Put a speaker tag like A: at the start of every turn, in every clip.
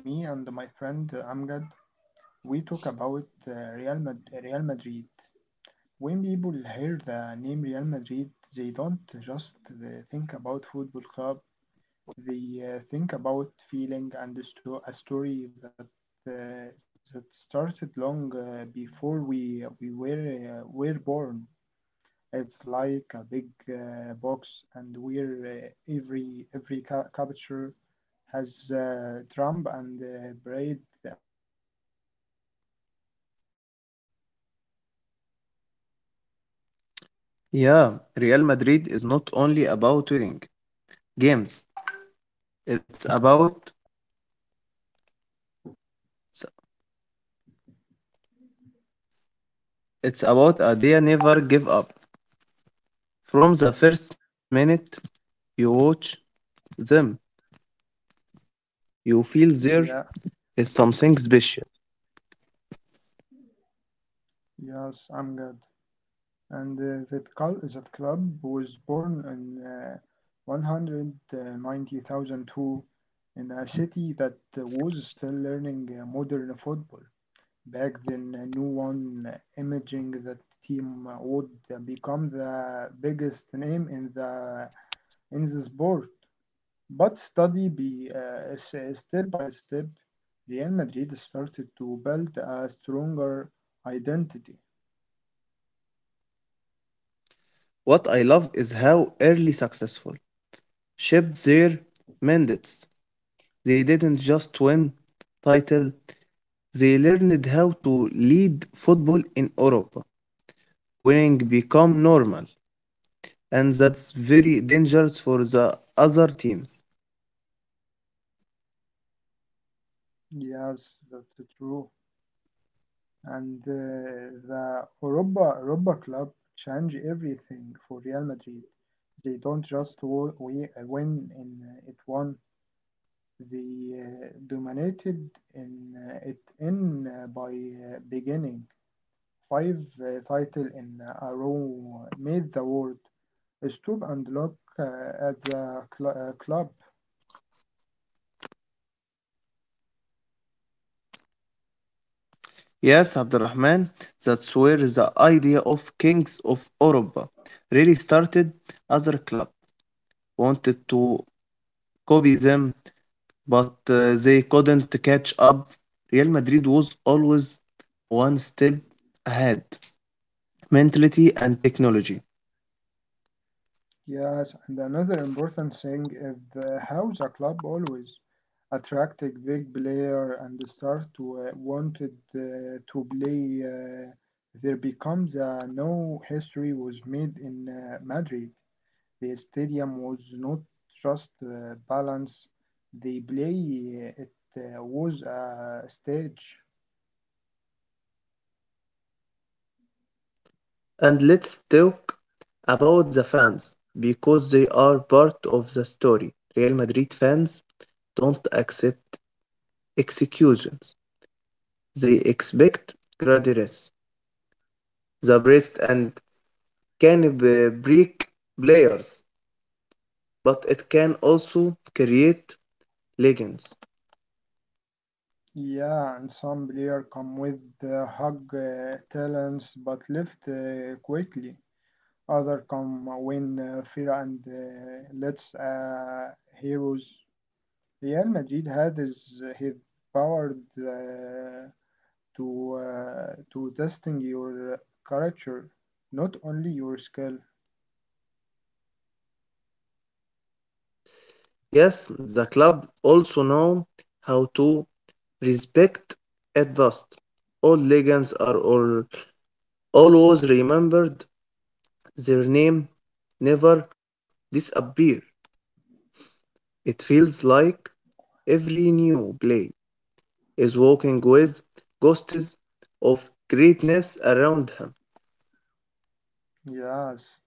A: me and my friend Amgad, we talk about Real Madrid. When people hear the name Real Madrid, they don't just think about football club. They think about feeling and a story that that started long before we were were born. It's like a big box, and where capture has Trump and Braid and Dream coming true?
B: Yeah, Real Madrid is not only about winning games. It's about it's about a they never give up. From the first minute you watch them, you feel there
A: Yeah,
B: is something special.
A: yes, I'm good. And that club was born in 190,002 in a city that was still learning modern football. Back then, no one imagined that team would become the biggest name in the sport. But study by step by step, Real Madrid started to build a stronger identity.
B: What I love is how early successful shaped their mandates. They didn't just win title, they learned how to lead football in Europe. Winning become normal. And that's very dangerous for the other teams.
A: Yes, that's true. And the Europa club changed everything for Real Madrid. They don't just win in it one, they dominated in it in by beginning. Five title in a row made the world stoop and look at the club.
B: Yes, Abdurrahman, that's where the idea of Kings of Europa really started. Other club wanted to copy them, but they couldn't catch up. Real Madrid was always one step ahead, mentality and technology.
A: Yes, and another important thing is how the club always attracted big player and start to, wanted to play. There becomes a no history was made in Madrid. The stadium was not just balance. They play it was a stage.
B: And let's talk about the fans because they are part of the story. Real Madrid fans don't accept executions. They expect graduates, the breast and can break players, but it can also create legends.
A: Yeah, and some players come with hug talents but left quickly. Other come when fear and let's heroes. Real Madrid had his power to testing your character, not only your skill.
B: Yes, the club also know how to respect advanced. All legends are all, always remembered. Their name never disappear. It feels like every new play is walking with ghosts of greatness around him.
A: Yes,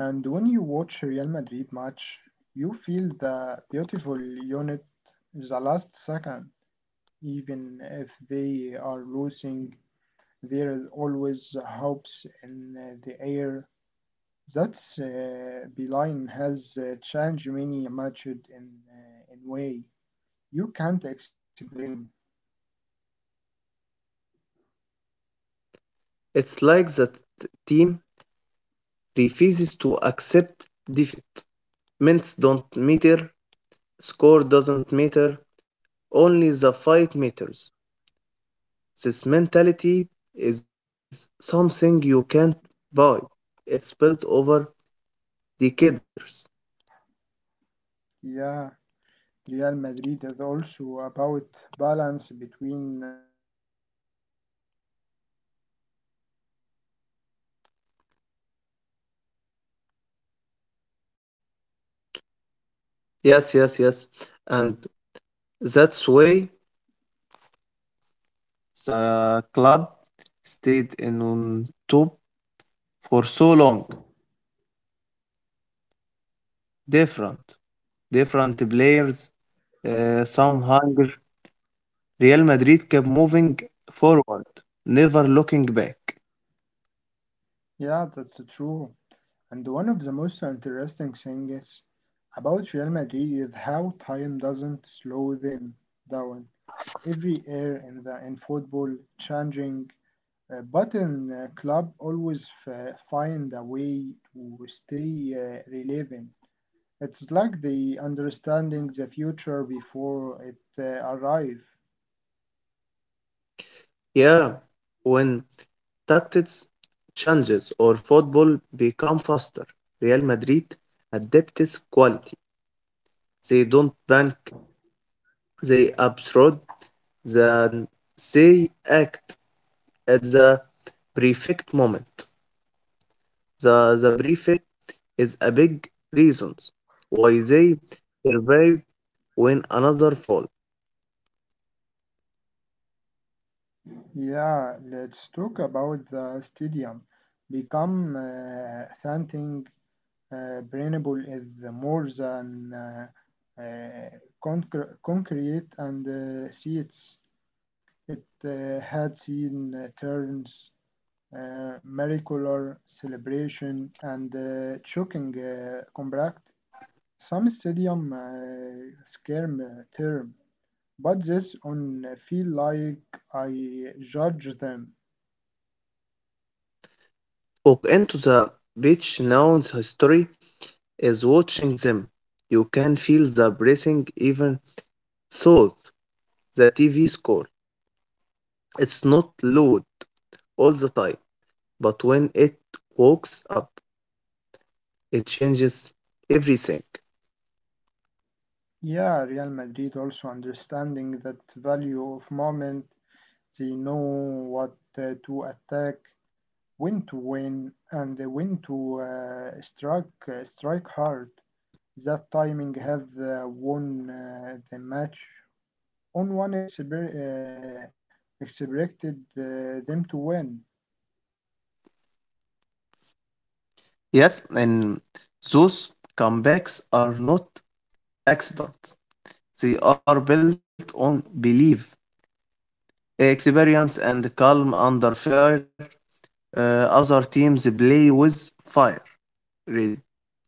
A: and when you watch Real Madrid match, you feel the beautiful unit the last second. Even if they are losing, there is always hopes in the air. That's Beeline has changed many matched in in way you can't explain.
B: It's like the team refuses to accept defeat. Minutes don't matter, score doesn't matter, only the fight matters. This mentality is something you can't buy. It's built over decades.
A: Yeah, Real Madrid is also about balance between style and result. They love beautiful football.
B: Yes, yes, yes. And that's why the club stayed in on top for so long. different different players some hunger, Real Madrid kept moving forward, never looking back.
A: Yeah, that's true. And one of the most interesting things about Real Madrid is how time doesn't slow them down. Every year in football, changing, but in club always find a way to stay relevant. It's like the understanding the future before it arrives.
B: Yeah, when tactics changes or football become faster, Real Madrid adapts quality. They don't bank, they absorb, then they act at the perfect moment. The prefect is a big reason why they survive when another fall.
A: Yeah, let's talk about the stadium. Become something brainable is more than uh, concrete and seats. It had seen turns, miracular celebration, and shocking combat. Some stadium scare term. But this on feel like I judge them.
B: Walk into the beach, now history is watching them. You can feel the breathing even though the TV score. It's not loud all the time, but when it walks up, it changes everything.
A: Yeah, Real Madrid also understanding that value of moment. They know what to attack, when to win, and when to strike hard. That timing have won the match on one expected them to win.
B: Yes, and those comebacks are not accident. They are built on belief, experience, and calm under fire. Uh, Other teams play with fire. Re-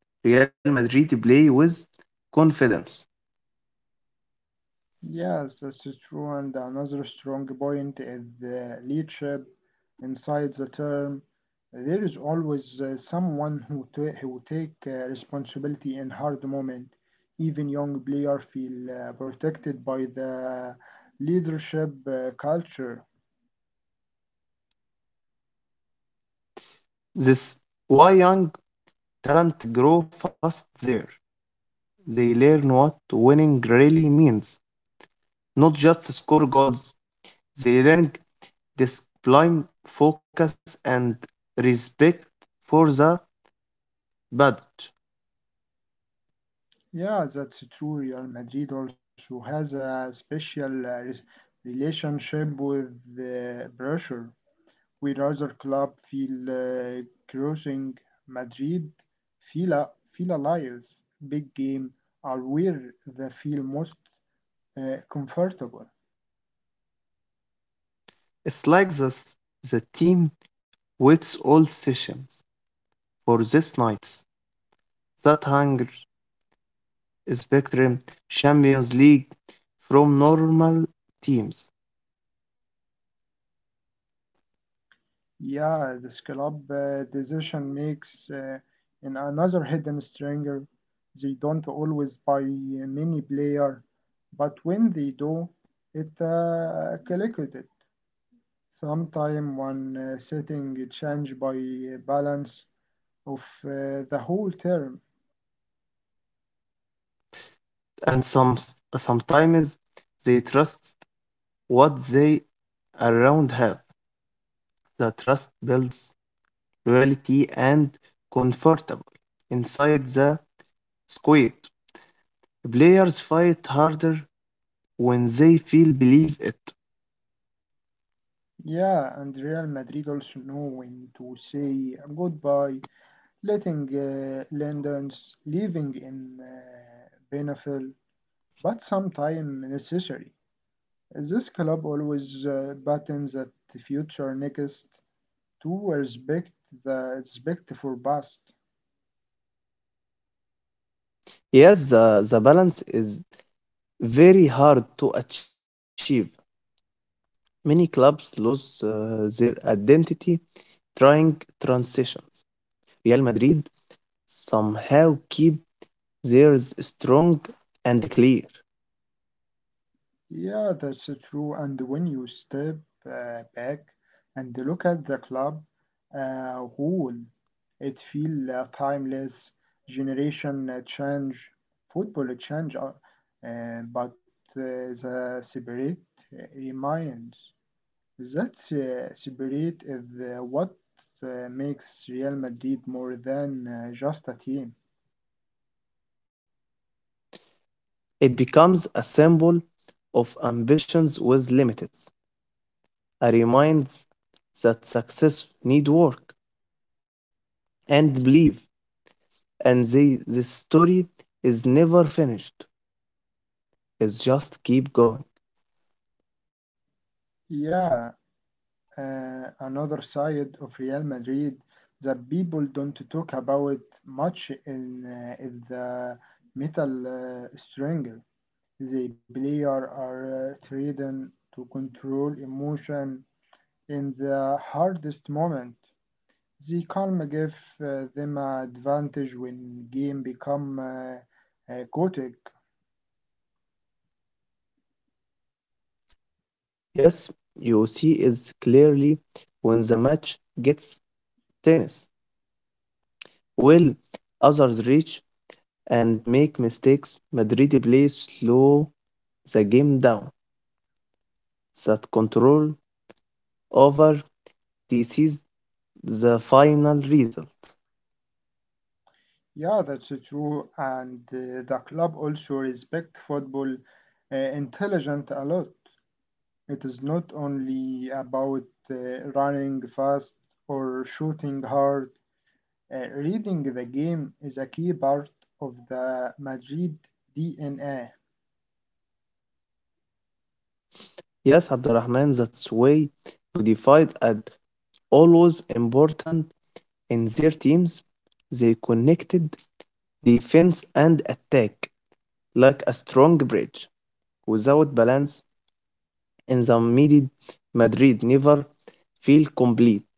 B: Real Madrid play with confidence.
A: Yes, that's true. And another strong point is the leadership inside the term. There is always someone who take responsibility in hard moment. Even young player feel protected by the leadership culture.
B: This why young talent grow fast there. They learn what winning really means, not just score goals. They learn discipline, focus, and respect for the badge.
A: Yeah, that's true. Real Madrid also has a special relationship with the pressure. With other club feel cruising Madrid feel alive. Big game are where they feel most comfortable.
B: It's like this the team waits all sessions for this night's. That Hunger Spectrum Champions League from normal teams,
A: Yeah, this club decision makes in another hidden stranger. They don't always buy many player, but when they do it collected. Sometime one setting change by balance of the whole term.
B: and sometimes they trust what they around have. The trust builds loyalty and comfortable inside the squad. Players fight harder when they feel believe it.
A: Yeah, and Real Madrid also know when to say goodbye, letting Lenders leaving in Benefil, but sometime necessary. This club always buttons at the future next to respect the respect for past.
B: Yes, the balance is very hard to achieve. Many clubs lose their identity trying transitions. Real Madrid somehow keep theirs strong and clear.
A: Yeah, that's true. And when you step back and look at the club, who it feel timeless. Generation change, football change, but the spirit remains. That spirit is what makes Real Madrid more than just a team.
B: It becomes a symbol of ambitions with limits, a reminder that success need work and believe, and this story is never finished. It's just keep going.
A: Yeah, another side of Real Madrid that people don't talk about much in is the metal stringer. The player are trained to control emotion in the hardest moment. The calm give them advantage when game become chaotic.
B: Yes, you see is clearly when the match gets tennis. While others reach and make mistakes, Madrid play slow the game down. That control over this is the final result.
A: Yeah, that's true. And the club also respect football intelligent a lot. It is not only about running fast or shooting hard. Reading the game is a key part of the Madrid DNA.
B: Yes, Abdurrahman, that's why modified and always important in their teams. They connected defense and attack like a strong bridge. Without balance in the middle, Madrid never feel complete.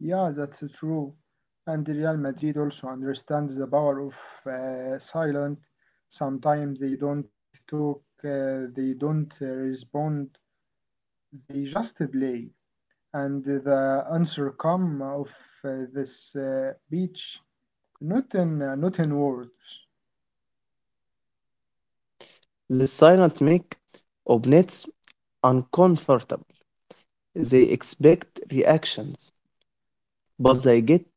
A: Yeah, that's true. And Real Madrid also understands the power of silent. Sometimes they don't talk, they don't respond, they just play. And the answer come of this beach, not in words.
B: The silent make opponents uncomfortable. They expect reactions, but they get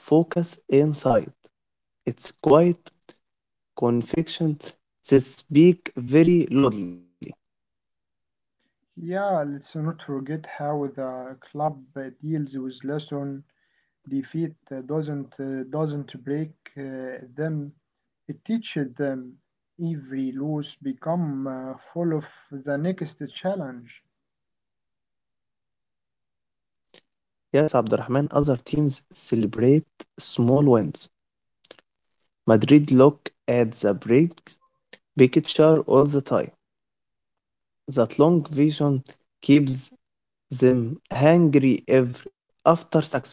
B: focus inside. It's quite conviction that speak very loudly.
A: Yeah, let's not forget how the club deals with lesson defeat doesn't break them. It teaches them every lose become full of the next challenge.
B: Yes, Abdurrahman, other teams celebrate small wins. Madrid look at the big picture all the time. That long vision keeps them hungry every after success.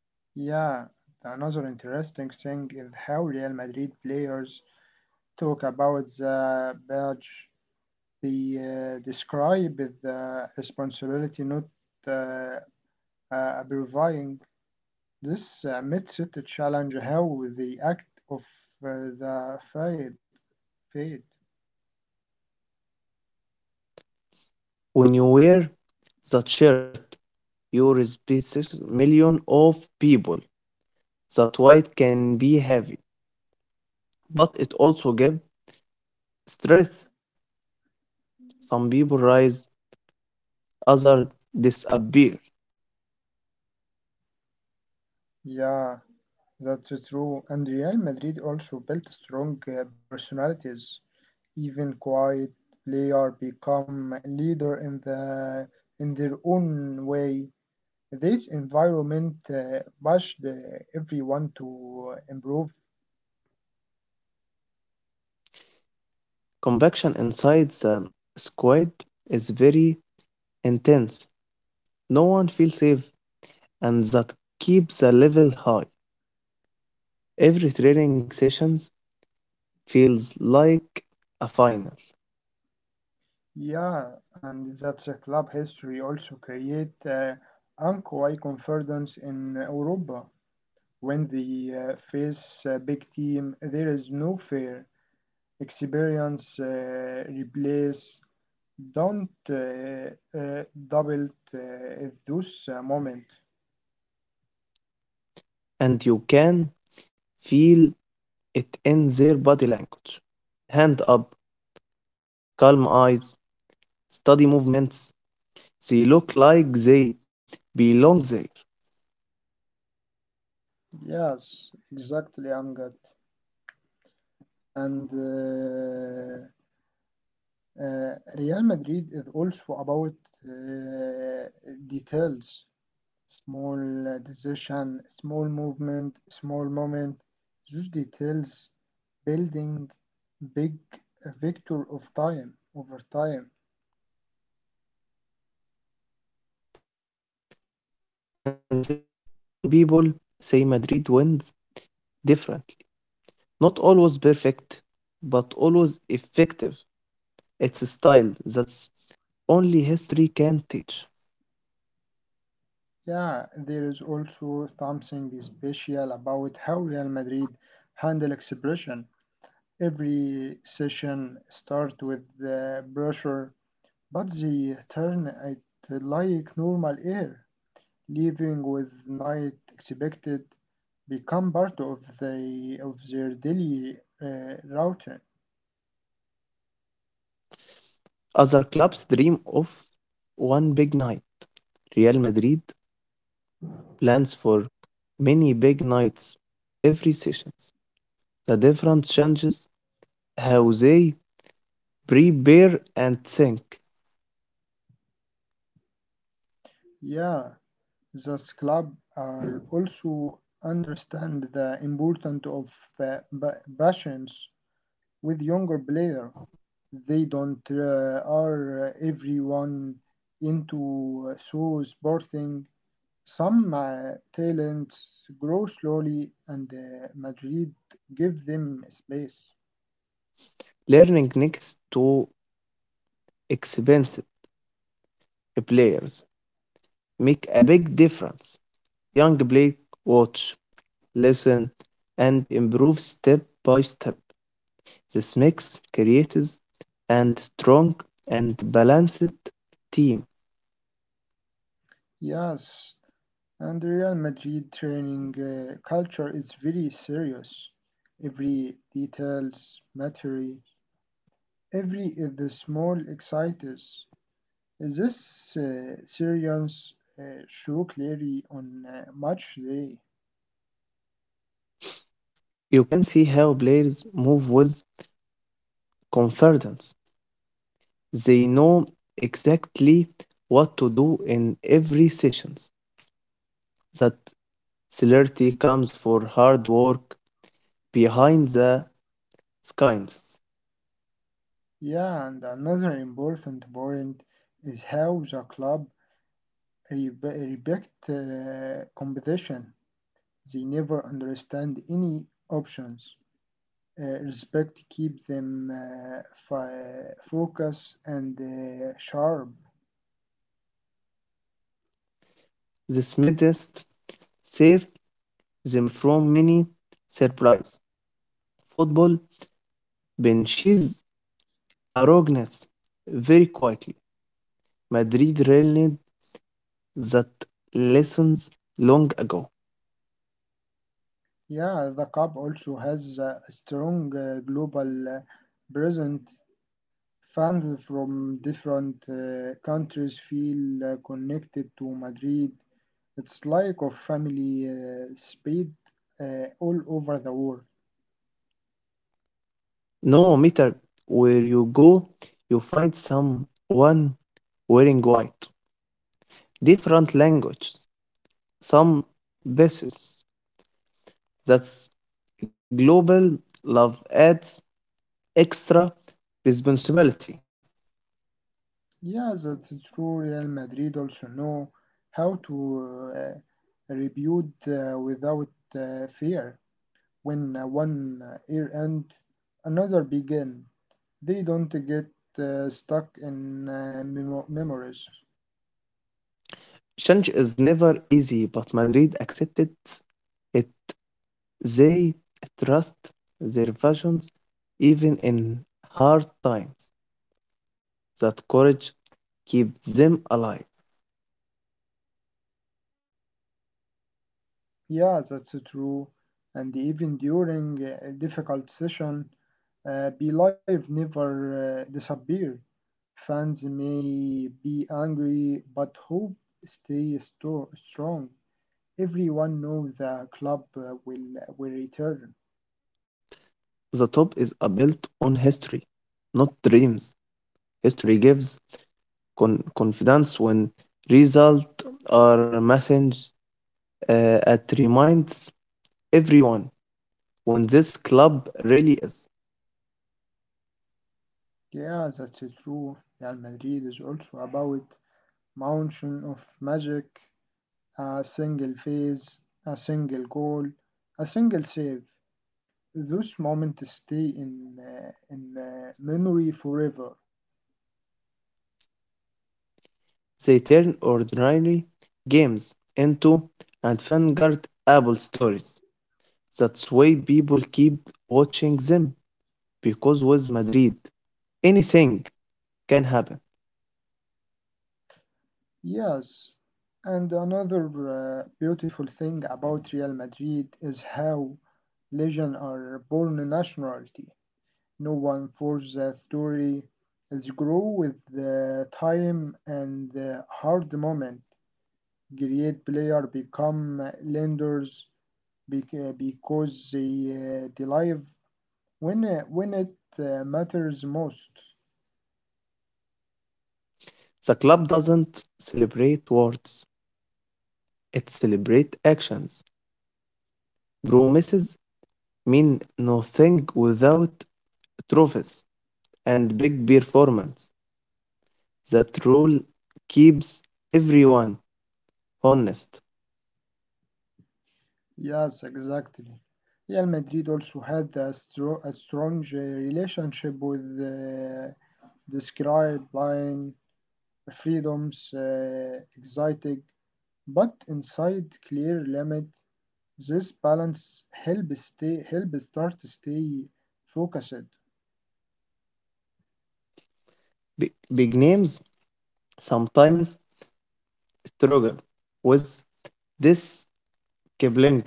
A: Yeah, another interesting thing is how Real Madrid players talk about the badge. They describe the responsibility not uh, providing. This makes it a challenge how the act of the fade.
B: When you wear that shirt your specific million of people. That weight can be heavy, but it also gives strength. Some people rise, others disappear.
A: Yeah, that's true. And Real Madrid also built strong personalities. Even quiet player become leader in the in their own way. This environment pushed everyone to improve.
B: Convection inside the squid is very intense. No one feels safe, and that keeps the level high. Every training sessions feels like a final,
A: Yeah, and that's a club history also create unquiet confidence in Europa. When they face a big team, there is no fear. Experience replace don't double those moment.
B: and you can feel it in their body language. Hand up, calm eyes, study movements. They look like they belong there.
A: Yes, exactly, Angad. And Real Madrid is also about uh, details, small decision, small movement, small moment. Those details building big victor of time over time.
B: And this why people say Madrid wins differently. Not always perfect, but always effective. It's a style that's only history can teach.
A: Yeah, there is also something special about how Real Madrid handle expression. Every session start with the pressure, but they turn it like normal air, leaving with night expected become part of their daily routine.
B: Other clubs dream of one big night. Real Madrid plans for many big nights every session. The difference changes how they prepare and think.
A: Yeah, this club are also understand the importance of passions with younger player. They don't are everyone into so sporting. Some talents grow slowly and Madrid give them space.
B: Learning next to expensive players make a big difference. Young play, watch, listen, and improve step by step. This makes creates and strong and balanced team.
A: Yes, and Real Madrid training culture is very serious. Every details matter, every is the small excites. This series show clearly on match day.
B: You can see how players move with confidence. They know exactly what to do in every sessions. That celerity comes for hard work behind the Skins.
A: Yeah, and another important point is how the club respect competition. They never understand any options. Respect keep them focus and sharp.
B: This medest save them from many surprise. Football benches arrogance very quietly. Madrid learned that lessons long ago.
A: Yeah, the club also has a strong global presence. Fans from different countries feel connected to Madrid. It's like a family spread all over the world.
B: No matter where you go, you find someone wearing white. Different languages, some bases. That's global love adds extra responsibility.
A: Yeah, that's true. Real Madrid also know how to rebuild without fear. When one year ends, another begin. They don't get stuck in memories.
B: Change is never easy, but Madrid accepted it. They trust their visions even in hard times. That courage keeps them alive.
A: Yeah, that's true. And even during a difficult session, Belive never disappear. Fans may be angry, but hope stays strong. Everyone knows the club will return.
B: The top is a built on history, not dreams. History gives confidence when results are message, it reminds everyone when this club really is.
A: Yeah, that's true. Real Madrid is also about mountain of magic, a single phase, a single goal, a single save. Those moments stay in memory forever.
B: They turn ordinary games into avant-garde Apple stories. That's why people keep watching them because with Madrid, anything can happen.
A: Yes. And another beautiful thing about Real Madrid is how legends are born in nationality. No one forces a story. It's grow with the time and the hard moment. Great players become lenders because they live when it matters most.
B: The club doesn't celebrate words; it celebrates actions. Promises mean nothing without trophies and big performance. That rule keeps everyone honest.
A: Yes, exactly. Real Madrid also had a strong relationship with described line freedoms, exciting, but inside clear limit. This balance help stay help start to stay focused.
B: Big names sometimes Trojan with this Kipling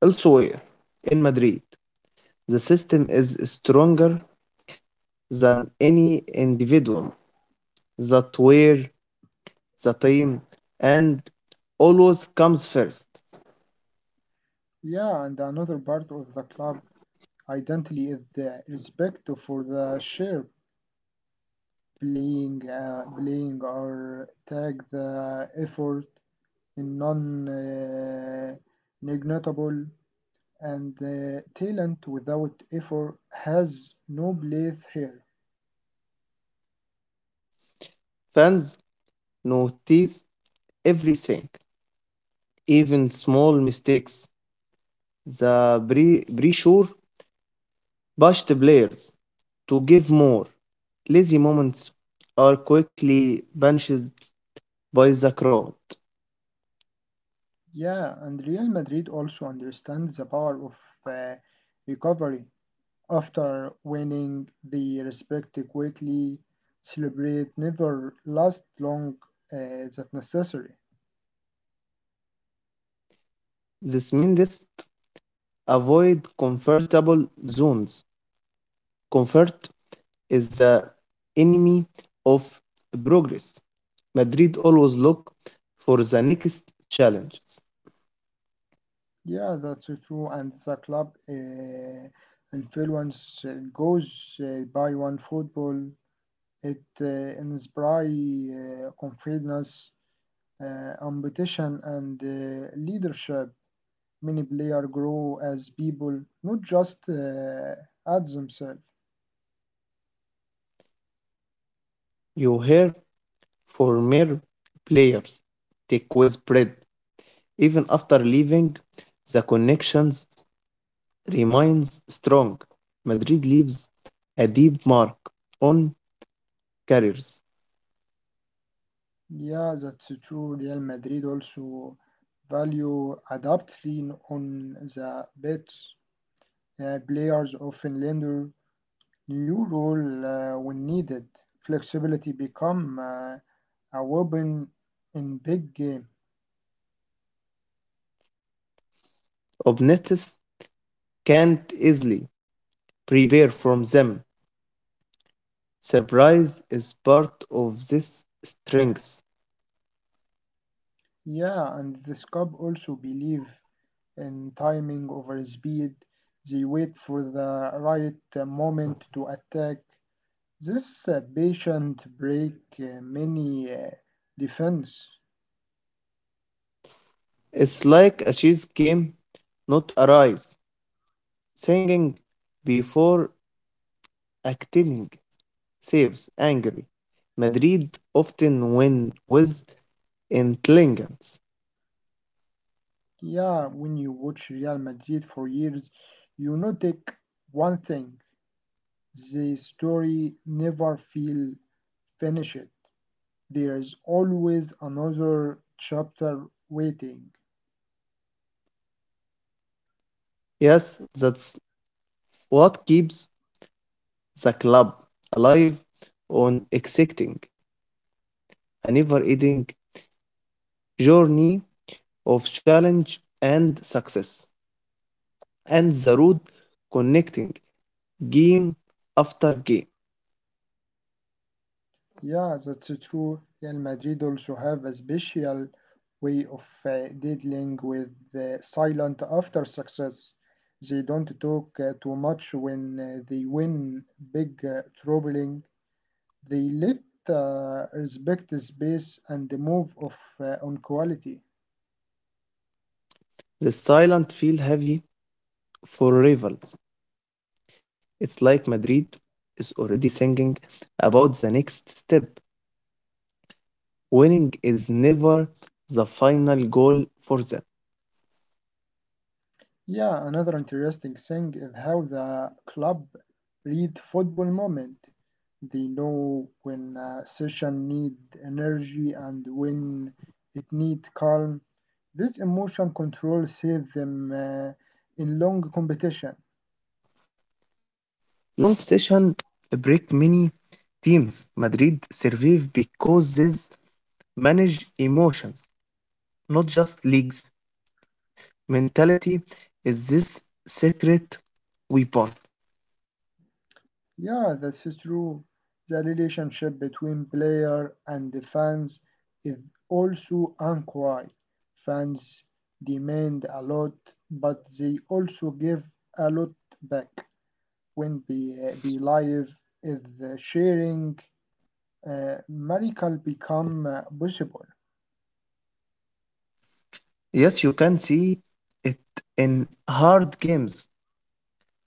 B: elsewhere in Madrid. The system is stronger than any individual, that where the team and always comes first.
A: Yeah, and another part of the club identity is the respect for the share playing playing or tag the effort non-negligible, and the talent without effort has no place here.
B: Fans notice everything, even small mistakes. The pressure pushed players to give more. Lazy moments are quickly benched by the crowd.
A: Yeah, and Real Madrid also understands the power of uh, recovery. After winning, they respect quickly, celebrate, never last long uh, that necessary.
B: This means avoid comfortable zones. Comfort is the enemy of progress. Madrid always look for the next challenges.
A: Yeah, that's so true, and the club influence goes by one football. It inspires confidence, ambition, and leadership. Many players grow as people, not just as themselves.
B: You hear former players take quiz bread. Even after leaving, the connections remains strong. Madrid leaves a deep mark on careers.
A: Yeah, that's true. Real Madrid also value adapting on the bets. Players often learn new role when needed. Flexibility become a weapon in big game.
B: Obnetis can't easily prepare from them. Surprise is part of this strength.
A: Yeah, and this cop also believe in timing over speed. They wait for the right moment to attack. This patient break many defense.
B: It's like a chess game, not a race. Singing before acting saves angry. Madrid often win with intelligence.
A: Yeah, when you watch Real Madrid for years, you notice one thing: the story never feel finished. There is always another chapter waiting.
B: Yes, that's what keeps the club alive on exciting a never ending journey of challenge and success and the road connecting game after game.
A: Yeah, that's true. Real Madrid also have a special way of dealing with the silent after success. They don't talk too much when they win big troubling. They let respect the space and the move of on quality.
B: The silent feel heavy for rivals. It's like Madrid is already singing about the next step. Winning is never the final goal for them.
A: Yeah, another interesting thing is how the club read football moment. They know when a session need energy and when it need calm. This emotion control save them in long competition.
B: Long session break many teams. Madrid survive because this manage emotions, not just leagues. Mentality is this secret weapon.
A: Yeah, this is true. The relationship between player and the fans is also unquiet. Fans demand a lot, but they also give a lot back when be live is sharing miracle become possible.
B: Yes, you can see it in hard games.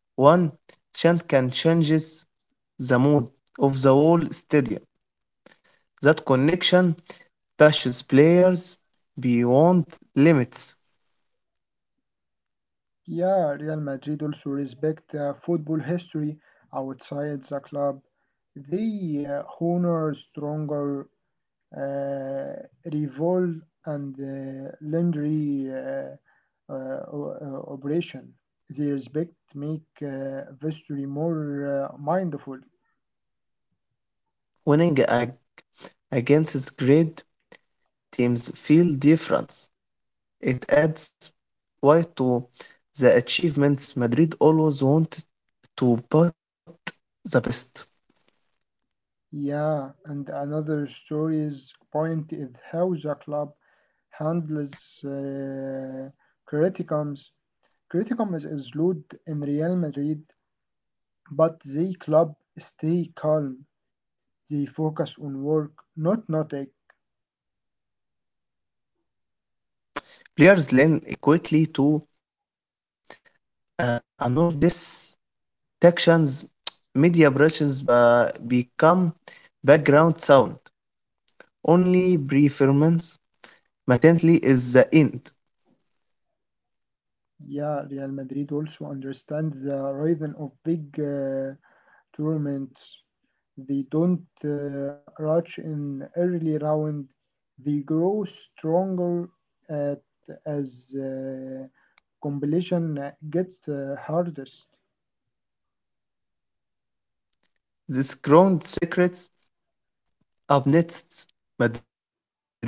B: One chant can changes the mood of the whole stadium. That connection pushes players beyond limits.
A: Yeah, Real Madrid also respect football history outside the club. They honor stronger uh, revolt and legendary uh, o- operation. They respect make history more mindful.
B: Winning against great teams feel different. It adds weight to the achievements Madrid always wanted to put the best.
A: Yeah, and another story's point is how the club handles criticisms. Criticism is loud in Real Madrid, but the club stay calm. They focus on work, not a.
B: Players learn quickly to honor this actions, media impressions become background sound. Only performance matently is the end.
A: Yeah, Real Madrid also understand the rhythm of big tournaments. They don't rush in early round. They grow stronger at, as competition gets hardest.
B: This crowned secrets up next. Madrid's letter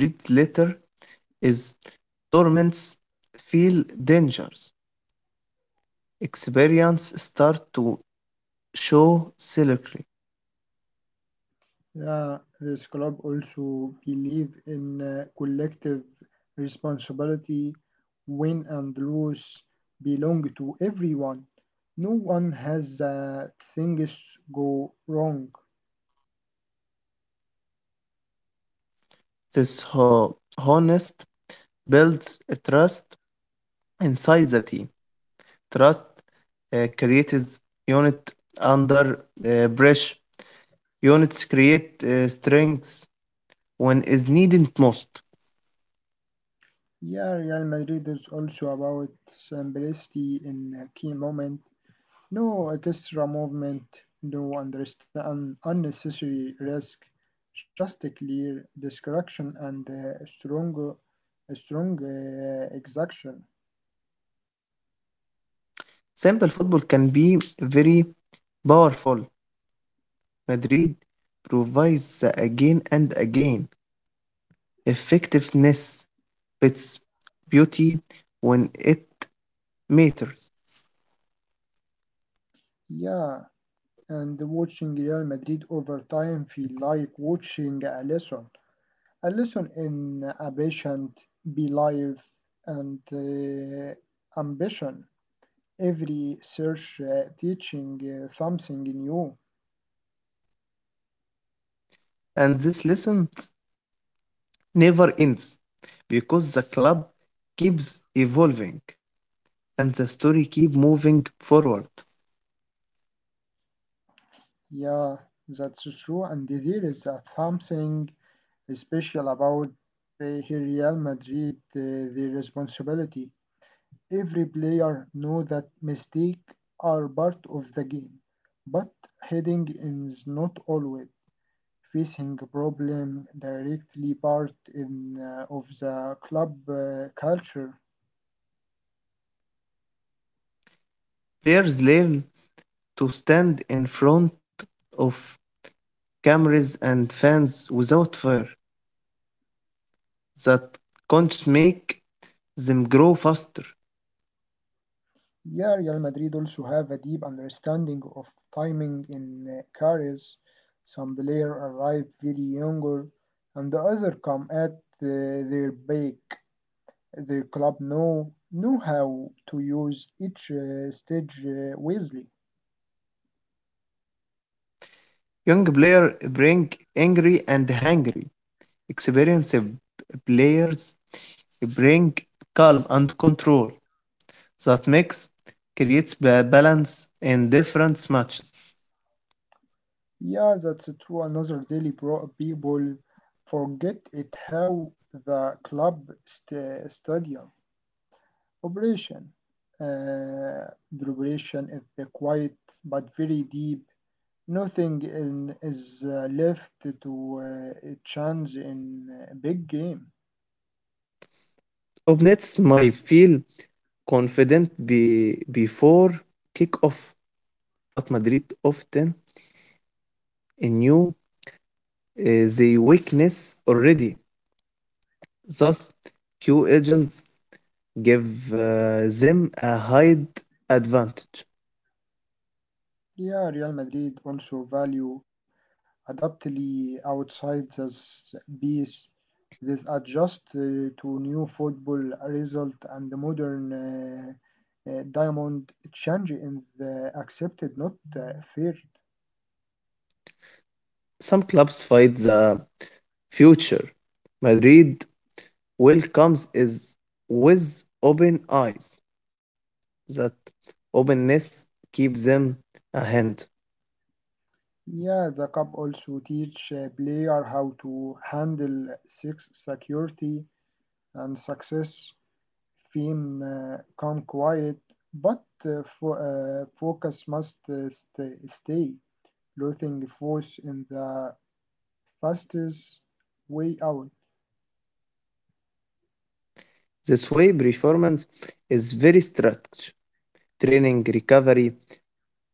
B: is torments feel dangers. Experience start to show silently.
A: Yeah, this club also believe in collective responsibility. Win and lose belong to everyone. No one has things go wrong.
B: This honest builds a trust inside the team. Trust creates unit under pressure. Units create strengths when is needed most.
A: Yeah, Real Madrid is also about simplicity in a key moment. No extra movement, no understand unnecessary risk, just a clear description and a strong execution.
B: Simple football can be very powerful. Madrid provides the again and again effectiveness, its beauty when it matters.
A: Yeah, and watching Real Madrid over time feel like watching a lesson in a patient, belief, and ambition. Every search teaching something new.
B: And this lesson never ends because the club keeps evolving and the story keep moving forward.
A: Yeah, that's true. And there is something special about Real Madrid, the responsibility. Every player know that mistakes are part of the game, but heading is not always facing a problem directly part in, of the club culture.
B: Players learn to stand in front of cameras and fans without fear that can't make them grow faster.
A: Yeah, Real Madrid also have a deep understanding of timing in careers. Some players arrive very younger, and the other come at their peak. Their club know how to use each stage wisely.
B: Young players bring angry and hungry. Experienced players bring calm and control that makes creates balance in different matches.
A: Yeah, that's true. Another daily pro people forget it how the club stadium operation. The operation is quiet but very deep. Nothing is left to a chance in a big game.
B: Opponents may feel confident before kick-off, but Madrid often knew uh, the weakness already. Thus, Q agents give them a hide advantage.
A: Yeah, Real Madrid also value adaptly outside the piece. This adjust to new football result and the modern diamond change in the accepted, not feared.
B: Some clubs fight the future. Madrid welcomes is with open eyes. That openness keeps them a hand.
A: Yeah, the cup also teach a player how to handle six security and success. Theme come quiet, but focus must stay. Losing force in the fastest way out.
B: This way, performance is very structured. Training, recovery,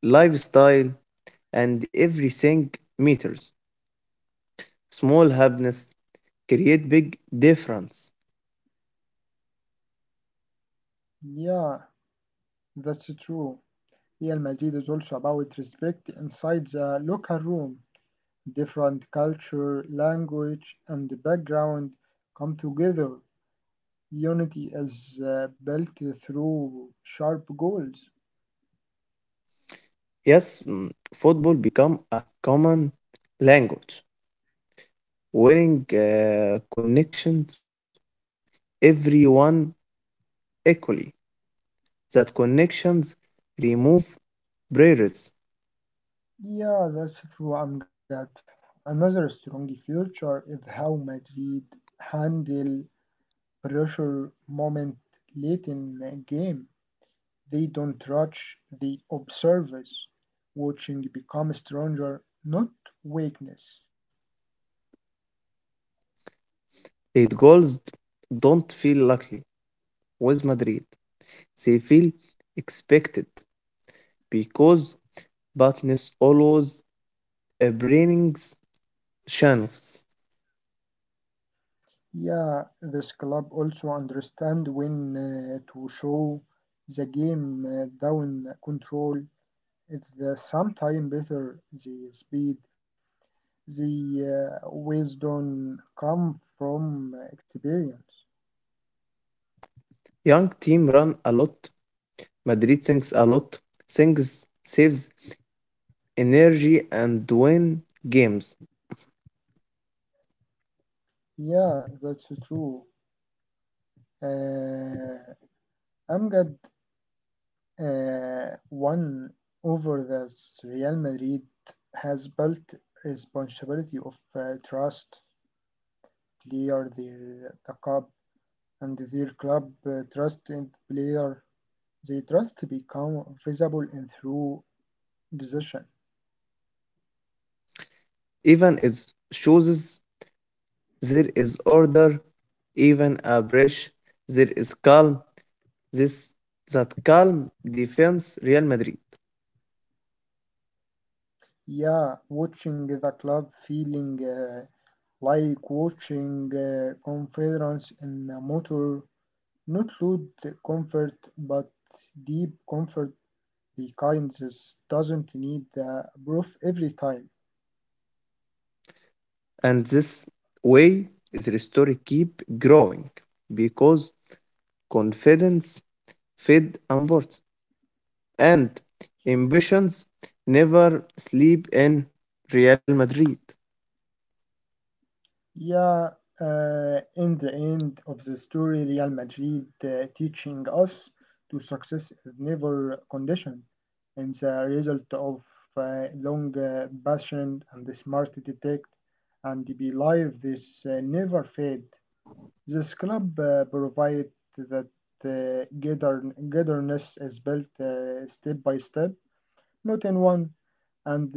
B: lifestyle, and everything meters. Small happiness create big difference.
A: Yeah, that's true. Real Madrid is also about respect inside the local room. Different culture, language, and background come together. Unity is built through sharp goals.
B: Yes, mm, football become a common language, winning connections everyone equally. That connections remove barriers.
A: Yeah, that's true, Amjad. Another strong feature is how Madrid handle pressure moment late in the game. They don't rush, they observe us. Watching becomes stronger, not weakness.
B: Late goals don't feel lucky with Madrid. They feel expected because Batnes always brings chances.
A: Yeah, this club also understand when to show the game down control. It's the sometime better the speed. The wisdom come from experience.
B: Young team run a lot. Madrid thinks a lot. Thinks saves energy and win games.
A: Yeah, that's true. Uh, Amgad one over the Real Madrid has built responsibility of trust player the club and their club trust in player. They trust become visible in through decision.
B: Even it shows there is order, even a breach, there is calm. This That calm defends Real Madrid.
A: Yeah, watching the club feeling like watching conference in a motor, not loud comfort, but deep comfort. The kind that doesn't need proof every time.
B: And this way is story keep growing because confidence fed important and ambitions never sleep in Real Madrid.
A: Yeah, in the end of the story, Real Madrid teaching us to success is never conditional, and the result of long, patient, and smart detect and believe this never fade. This club provide that uh, gather- gatherness is built step by step, not in one.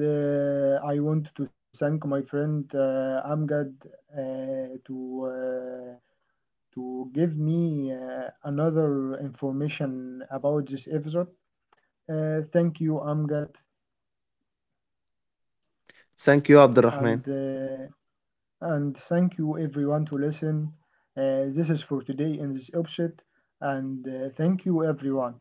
A: And I want to thank my friend Amgad uh, to uh, to give me another information about this episode. Thank you, Amgad,
B: Thank you,
A: and.
B: Abdurrahman.
A: Uh, and thank you everyone to listen. This is for today in this episode, and thank you everyone.